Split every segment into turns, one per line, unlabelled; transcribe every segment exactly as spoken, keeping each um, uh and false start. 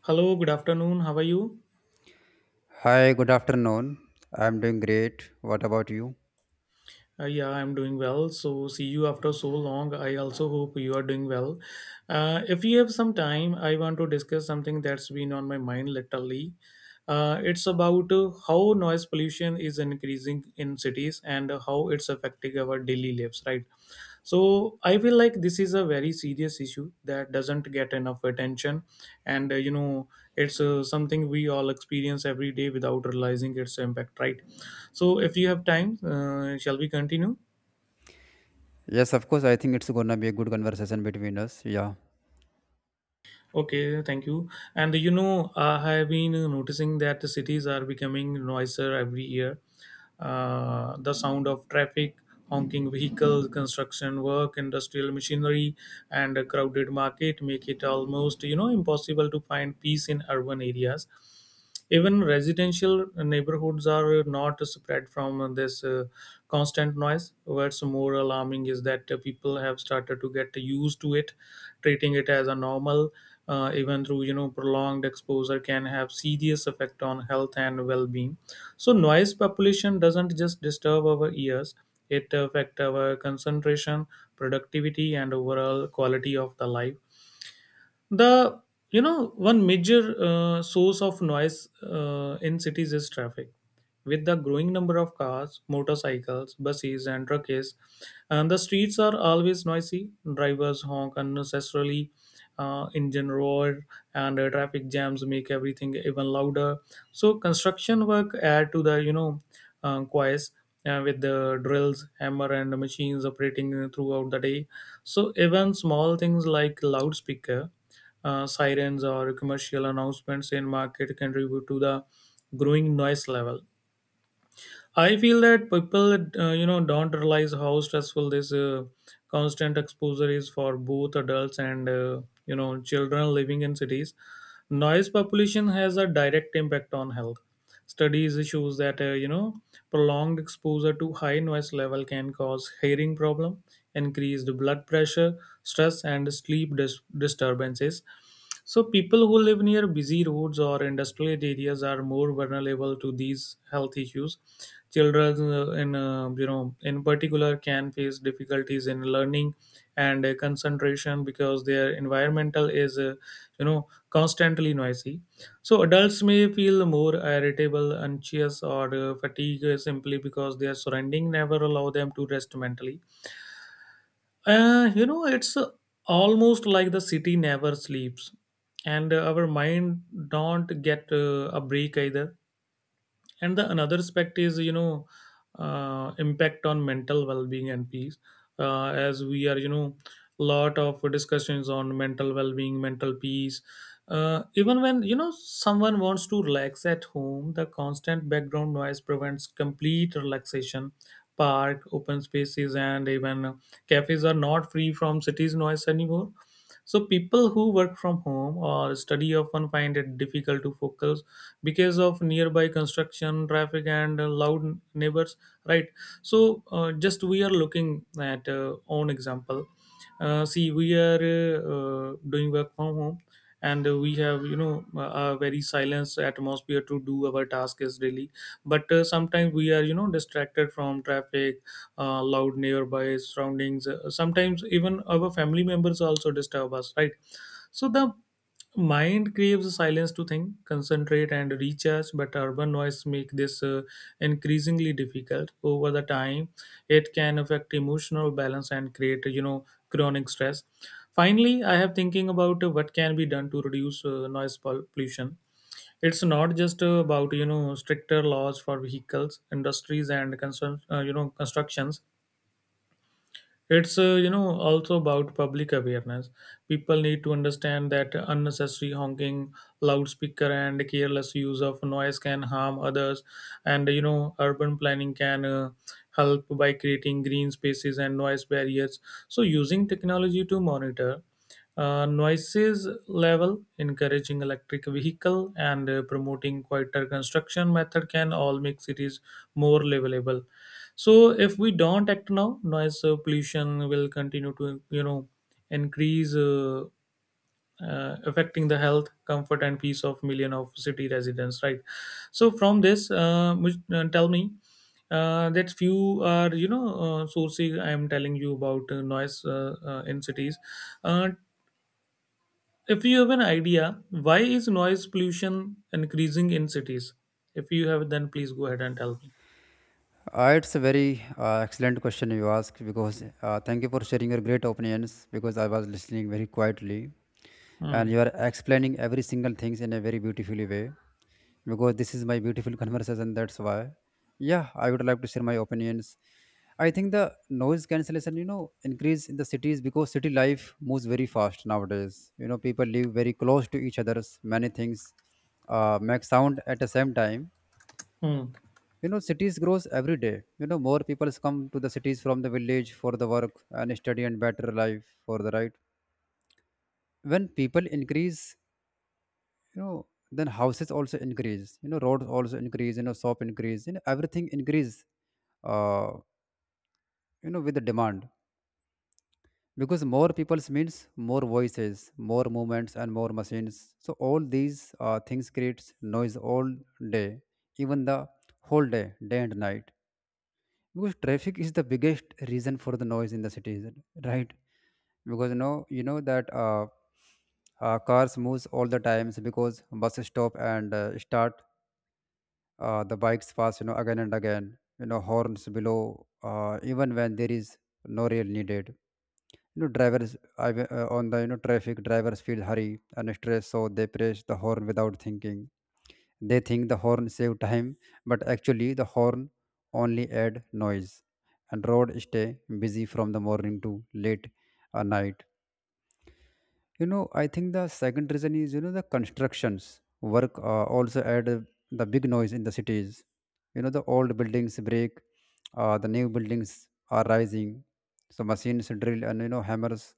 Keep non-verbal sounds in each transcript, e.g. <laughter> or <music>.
Hello, good afternoon. How are you?
Hi, good afternoon. I'm doing great. What about you?
Uh, yeah, I'm doing well. So, see you after so long. I also hope you are doing well. Uh, if you have some time, I want to discuss something that's been on my mind lately. Uh, it's about uh, how noise pollution is increasing in cities and how it's affecting our daily lives, right? So I feel like this is a very serious issue that doesn't get enough attention, and uh, you know it's uh, something we all experience every day without realizing its impact, right? So if you have time, uh, shall we continue?
Yes, of course. I think it's gonna be a good conversation between us. Yeah.
Okay, thank you. And you know, I have been noticing that the cities are becoming noisier every year. Uh, the sound of traffic, honking vehicles, construction work, industrial machinery, and a crowded market make it almost you know impossible to find peace in urban areas. Even residential neighborhoods are not spread from this uh, constant noise. What's more alarming is that uh, people have started to get used to it, treating it as a normal, uh, even through you know prolonged exposure can have serious effect on health and well-being. So noise population doesn't just disturb our ears, it affect our concentration, productivity, and overall quality of the life. The you know One major uh, source of noise uh, in cities is traffic. With the growing number of cars, motorcycles, buses, and trucks, and the streets are always noisy, drivers honk unnecessarily, uh, engine roar, and uh, traffic jams make everything even louder. So construction work add to the you know uh, choice, uh, with the drills, hammer, and machines operating throughout the day. So even small things like loudspeaker, uh, sirens, or commercial announcements in market contribute to the growing noise level. I feel that people uh, you know don't realize how stressful this uh, constant exposure is for both adults and, uh, you know children living in cities. Noise population has a direct impact on health. Studies shows that uh, you know prolonged exposure to high noise level can cause hearing problem, increased blood pressure, stress, and sleep dis- disturbances. So people who live near busy roads or industrial areas are more vulnerable to these health issues. Children, uh, in uh, you know, in particular, can face difficulties in learning and uh, concentration because their environmental is, uh, you know, constantly noisy. So adults may feel more irritable, anxious, or uh, fatigued uh, simply because their surrounding never allow them to rest mentally. Uh, you know, it's uh, almost like the city never sleeps, and uh, our mind don't get uh, a break either. And the another aspect is you know uh, impact on mental well-being and peace. Uh, as we are, you know lot of discussions on mental well-being, mental peace. Uh, even when you know someone wants to relax at home, the constant background noise prevents complete relaxation. Park, open spaces, and even cafes are not free from cities noise anymore. So people who work from home or study often find it difficult to focus because of nearby construction, traffic, and uh, loud neighbors. Right. So uh, just we are looking at uh, own example. Uh, see, we are uh, uh, doing work from home, and uh, we have you know a a very silence atmosphere to do our task is daily. But uh, sometimes we are you know distracted from traffic, uh, loud nearby surroundings. Uh, sometimes even our family members also disturb us, right? So the mind craves silence to think, concentrate, and recharge, but urban noise make this uh, increasingly difficult over the time. It can affect emotional balance and create you know chronic stress. Finally, I have thinking about uh, what can be done to reduce uh, noise pol- pollution. It's not just uh, about you know stricter laws for vehicles, industries, and constru- uh, you know constructions. It's uh, you know also about public awareness. People need to understand that unnecessary honking, loudspeaker, and careless use of noise can harm others. And you know, urban planning can uh, help by creating green spaces and noise barriers. So, using technology to monitor uh, noises level, encouraging electric vehicle, and uh, promoting quieter construction method can all make cities more livable. So if we don't act now, noise uh, pollution will continue to you know increase, uh, uh, affecting the health, comfort, and peace of million of city residents, right? So from this uh, which, uh, tell me uh, that few are you know uh, sourcing I am telling you about uh, noise uh, uh, in cities. uh, if you have an idea why is noise pollution increasing in cities, if you have, then please go ahead and tell me.
Uh, it's a very uh, excellent question you ask, because uh, thank you for sharing your great opinions. Because I was listening very quietly and
Hmm.
you are explaining every single things in a very beautifully way, because this is my beautiful conversation. That's why, yeah, I would like to share my opinions. I think the noise cancellation, you know, increase in the cities because city life moves very fast nowadays. You know, people live very close to each other's. Many things uh, make sound at the same time.
Hmm.
You know, cities grows every day. You know, more people come to the cities from the village for the work and study and better life, for the right. When people increase, you know, then houses also increase, you know, roads also increase, you know, shop increase, you know, everything increase, uh, you know, with the demand. Because more peoples means more voices, more movements and more machines. So all these uh, things creates noise all day, even the whole day, day and night. Because traffic is the biggest reason for the noise in the cities, right? Because you know, you know that uh, uh, cars moves all the times, because buses stop and uh, start, uh, the bikes pass, you know, again and again. You know, horns below, uh, even when there is no real needed. You know, drivers I, uh, on the, you know, traffic, drivers feel hurry and stress, so they press the horn without thinking. They think the horn save time, but actually the horn only add noise. And road stay busy from the morning to late at night. You know, I think the second reason is, you know, the constructions work uh, also add uh, the big noise in the cities. You know, the old buildings break, uh, the new buildings are rising, so machines drill and, you know, hammers,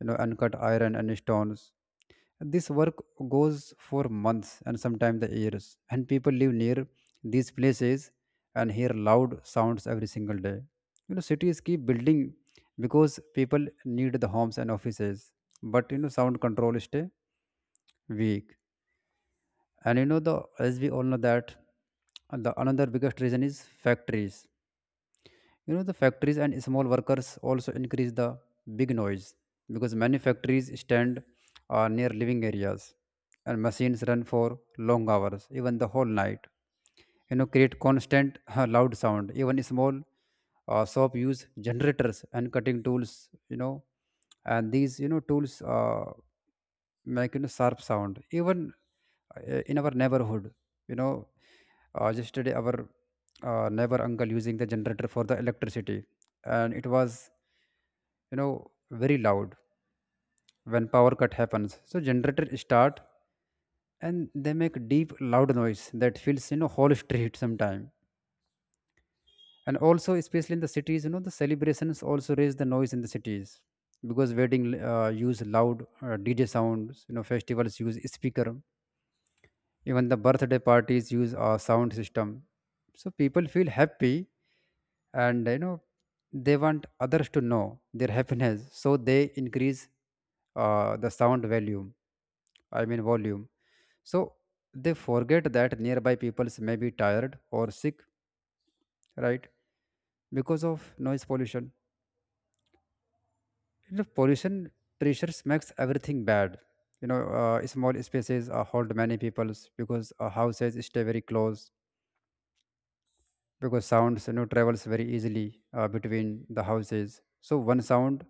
you know, uncut iron and stones. This work goes for months and sometimes the years, and people live near these places and hear loud sounds every single day. You know, cities keep building because people need the homes and offices, but you know, sound control stay weak. And you know, the, as we all know that, and the another biggest reason is factories. You know, the factories and small workers also increase the big noise because many factories stand uh, near living areas, and machines run for long hours, even the whole night, you know, create constant <laughs> loud sound. Even small uh, shop use generators and cutting tools. You know, and these, you know, tools uh, make, you know, sharp sound. Even uh, in our neighborhood, you know, uh, yesterday our uh, neighbor uncle using the generator for the electricity, and it was, you know, very loud. When power cut happens, so generator start and they make deep loud noise that fills, you know, whole <laughs> street sometime. And also, especially in the cities, you know, the celebrations also raise the noise in the cities. Because wedding uh, use loud uh, dj sounds, you know, festivals use speaker. Even the birthday parties use a sound system. So people feel happy, and you know, they want others to know their happiness. So they increase uh, the sound volume. I mean volume. So they forget that nearby peoples may be tired or sick, right? Because of noise pollution. You know, pollution pressures makes everything bad. You know, uh, small spaces uh, hold many peoples because uh, houses stay very close. Because sounds, you know, travels very easily uh, between the houses, so one sound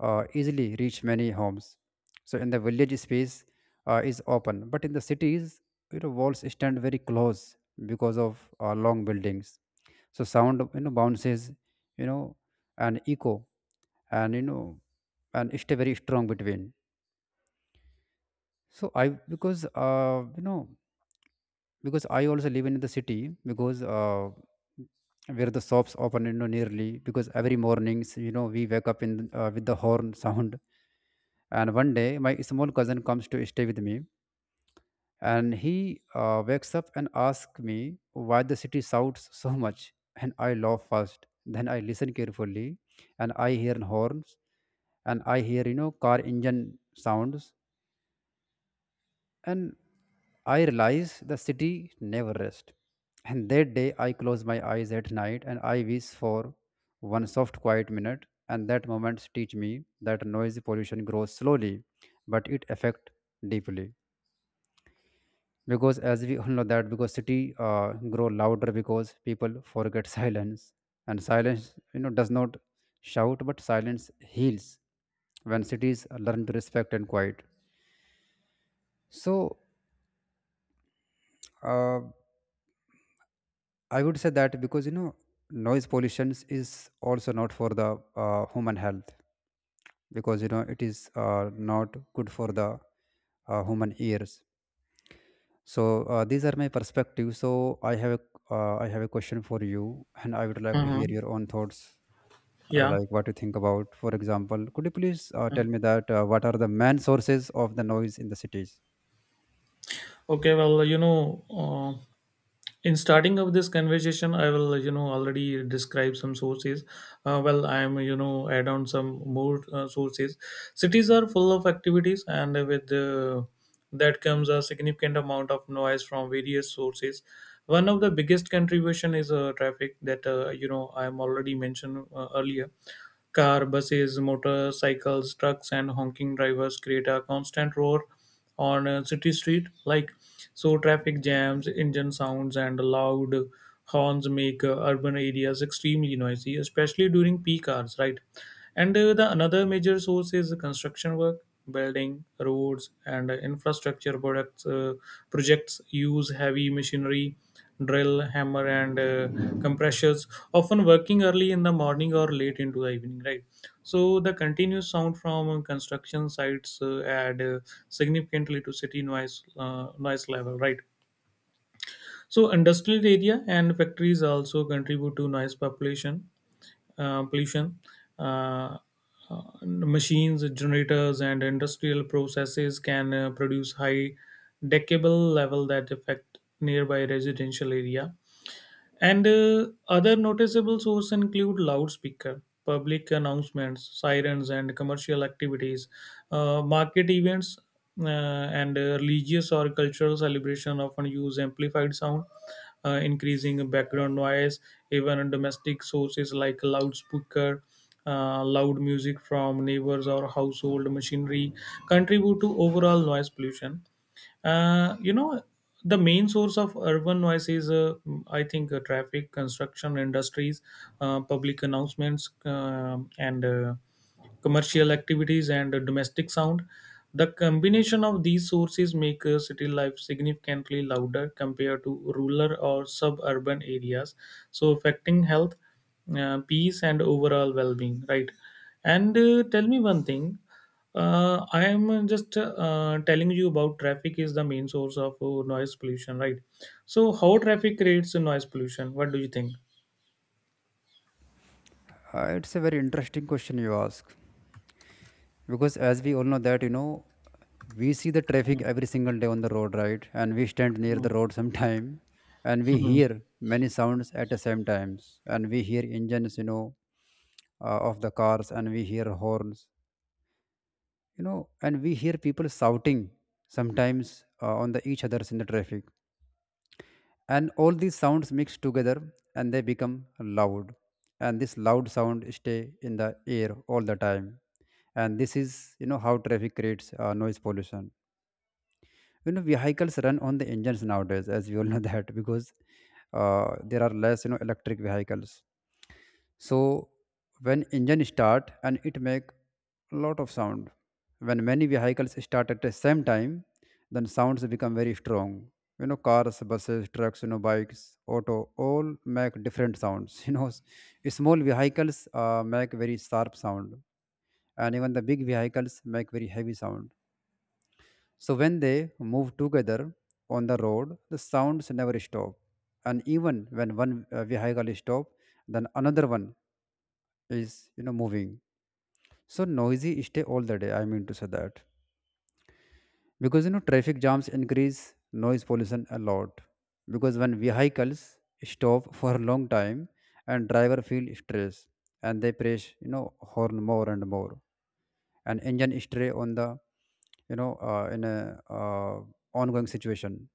uh, easily reach many homes. So in the village space uh, is open, but in the cities, you know, walls stand very close because of uh, long buildings. So sound, you know, bounces, you know, and echo, and you know, and stay very strong between. So I, because uh, you know, because I also live in the city, because uh, where the shops open, you know, nearly, because every mornings, you know, we wake up in, uh, with the horn sound. And one day my small cousin comes to stay with me, and he uh, wakes up and asks me why the city shouts so much. And I laugh first, then I listen carefully, and I hear horns, and I hear, you know, car engine sounds. And I realize the city never rests. And that day I close my eyes at night and I wish for one soft quiet minute. And that moment teach me that noisy pollution grows slowly, but it affect deeply. Because as we all know that, because city uh, grow louder, because people forget <laughs> silence. And silence, you know, does not shout, but silence heals when cities learn to respect and quiet. So, uh, I would say that, because you know, noise pollution is also not for the uh, human health, because you know, it is uh, not good for the uh, human ears. So uh, these are my perspectives. So I have a, uh, I have a question for you, and I would like to hear
Mhm.
your own thoughts, uh,
Yeah.
like what you think about. For example, could you please uh,
Hmm.
tell me that uh, what are the main sources of the noise in the cities?
Okay, well, you know, uh, in starting of this conversation, I will, you know, already describe some sources. Uh, well, I am, you know, add on some more uh, sources. Cities are full of activities, and with uh, that comes a significant amount of noise from various sources. One of the biggest contribution is uh, traffic that, uh, you know I am already mentioned uh, earlier. Car, buses, motorcycles, trucks, and honking drivers create a constant roar on a city street. Like so, traffic jams, engine sounds, and loud horns make uh, urban areas extremely noisy, especially during peak hours. Right, and uh, the another major source is construction work. Building, roads, and uh, infrastructure products uh, projects use heavy machinery, drill, hammer, and uh, compressors, often working early in the morning or late into the evening, right? So the continuous sound from uh, construction sites uh, add uh, significantly to city noise uh, noise level, right? So industrial area and factories also contribute to noise population, uh, pollution. Uh, uh, Machines, generators, and industrial processes can uh, produce high decibel level that affect nearby residential area. And uh, other noticeable sources include loudspeaker, public announcements, sirens, and commercial activities, uh, market events, uh, and uh, religious or cultural celebration often use amplified sound, uh, increasing background noise. Even domestic sources like loudspeaker, uh, loud music from neighbors or household machinery contribute to overall noise pollution. Uh, you know, the main source of urban noise is, uh, I think, uh, traffic, construction industries, uh, public announcements, um and uh, commercial activities, and uh, domestic sound. The combination of these sources make uh, city life significantly louder compared to rural or suburban areas, so affecting health, uh, peace, and overall well-being. Right? And uh, tell me one thing, uh, I am just uh, telling you about traffic is the main source of uh, noise pollution, right? So, how traffic creates noise pollution? What do you think?
Uh, it's a very interesting question you ask. Because as we all know that, you know, we see the traffic
Mm,
every single day on the road, right? And we stand near
mm,
the road <laughs> sometime, and we
mm,
hear many sounds at the same times. And we hear engines, you know, uh, of the cars, and we hear horns, you know, and we hear people shouting sometimes uh, on the each others in the traffic. And all these sounds mix together and they become loud. And this loud sound stay in the air all the time. And this is, you know, how traffic creates uh, noise pollution. You know, vehicles run on the engines nowadays, as we all <laughs> know that. Because uh, there are less, you know, electric vehicles. So when engine start, and it make lot of sound. When many vehicles start at the same time, then sounds become very strong. You know, cars, buses, trucks, you know, bikes, auto, all make different sounds. <laughs> You know, s- small vehicles uh, make very sharp sound, and even the big vehicles make very heavy sound. So when they move together on the road, the sounds never stop. And even when one uh, vehicle stop, then another one is, you know, moving. So noisy stay all the day, I mean to say that. Because you know, traffic jams increase noise pollution a lot. Because when vehicles stop for a long time, and driver feel stress, and they press, you know, horn more and more. And engine stray on the, you know, uh, in a uh, ongoing situation.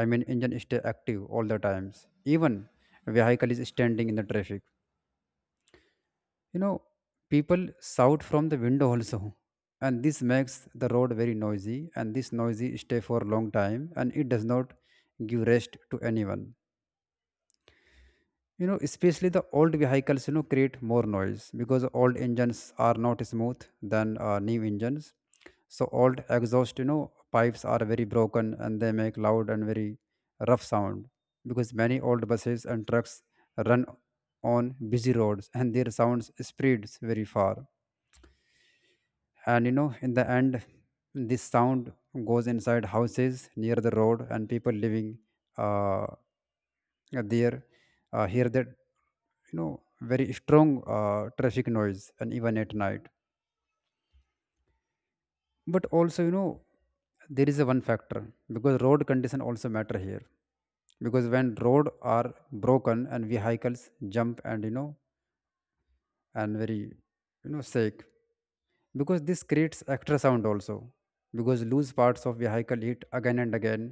I mean engine stay active all the times, even vehicle is standing in the traffic. You know, people shout from the window also, and this makes the road very noisy, and this noisy stay for a long time, and it does not give rest to anyone. You know, especially the old vehicles, you know, create more noise, because old engines are not smooth than uh, new engines. So old exhaust, you know, pipes are very broken, and they make loud and very rough sound. Because many old buses and trucks run on busy roads, and their sounds spreads very far. And you know, in the end, this sound goes inside houses near the road, and people living uh, there uh, hear that, you know, very strong uh, traffic noise, and even at night. But also, you know, there is a one factor, because road condition also matter here. Because when road are broken, and vehicles jump, and you know, and very, you know, sick, because this creates extra sound also, because loose parts of vehicle hit again and again,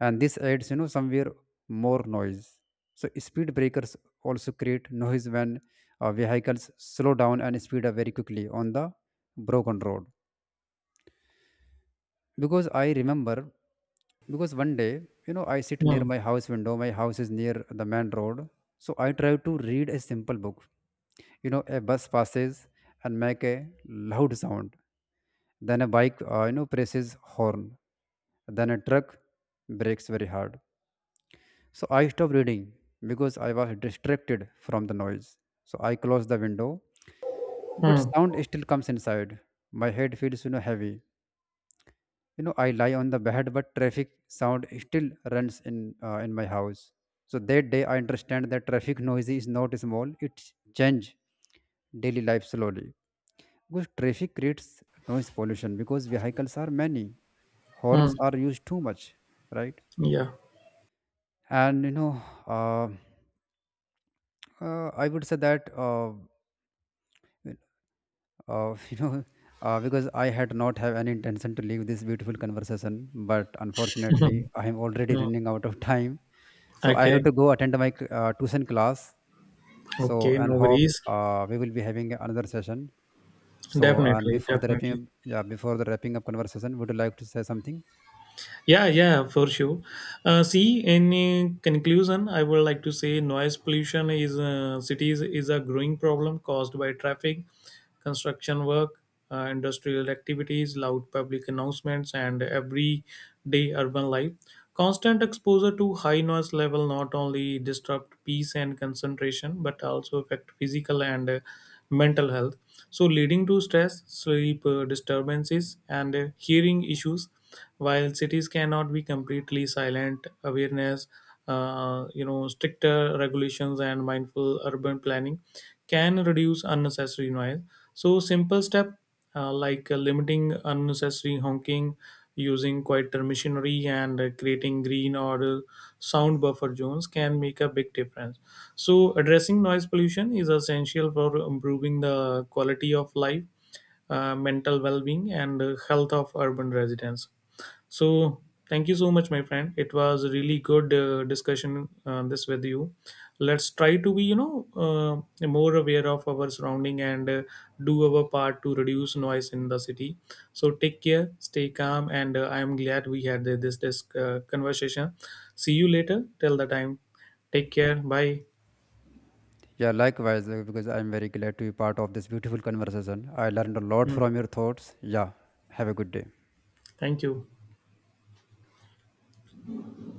and this adds, you know, somewhere more noise. So speed breakers also create noise when uh, vehicles slow down and speed up very quickly on the broken road. Because I remember, because one day, you know, I sit near
mm,
my house window. My house is near the main road, so I try to read a simple book. You know, a bus passes and make a loud sound. Then a bike, uh, you know, presses horn, then a truck brakes very hard. So I stopped reading, because I was distracted from the noise. So I closed the window, but
mm,
sound still comes inside. My head feels, you know, heavy. You know, I lie on the bed, but traffic sound still runs in uh, in my house. So that day I understand that traffic noise is not small, it change daily life slowly. Because traffic creates noise pollution, because vehicles are many, horns
mm.
are used too much, right?
Yeah.
And you know, uh, uh, I would say that, uh, uh, <laughs> you know, uh, because I had not have any intention to leave this beautiful conversation, but unfortunately
<laughs>
I am already
Mm, mm.
running out of <laughs> time. So I have
Okay.
to go attend my uh, tuition class. So,
Okay.
and
No
hope
worries.
uh, we will be having another session. So, and
Definitely.
before the wrapping up,
Definitely.
yeah, before the wrapping up conversation, would you like to say something?
Yeah, yeah, for sure. Uh, see, in uh, conclusion, I would like to say noise pollution is uh, cities is a growing problem caused by traffic, construction work, uh, industrial activities, loud public announcements, and everyday urban life. Constant exposure to high noise level not only disrupt peace and concentration but also affect physical and uh, mental health, so leading to stress, sleep uh, disturbances, and uh, hearing issues. While cities cannot be completely silent, awareness, uh, you know, stricter regulations and mindful urban planning can reduce unnecessary noise. So simple step, uh, like uh, limiting unnecessary honking, using quieter machinery, and uh, creating green or uh, sound buffer zones can make a big difference. So addressing noise pollution is essential for improving the quality of life, uh, mental well-being, and uh, health of urban residents. So thank you so much, my friend. It was a really good uh, discussion uh, this with you. Let's try to be, you know, uh, more aware of our surrounding and uh, do our part to reduce noise in the city. So take care, stay calm, and uh, I am glad we had the- this this uh, conversation. See you later. Till the time, take care. Bye.
Yeah, likewise, uh, because I'm very glad to be part of this beautiful conversation. I learned a lot
Hmm.
from your thoughts. Yeah, have a good day.
Thank you.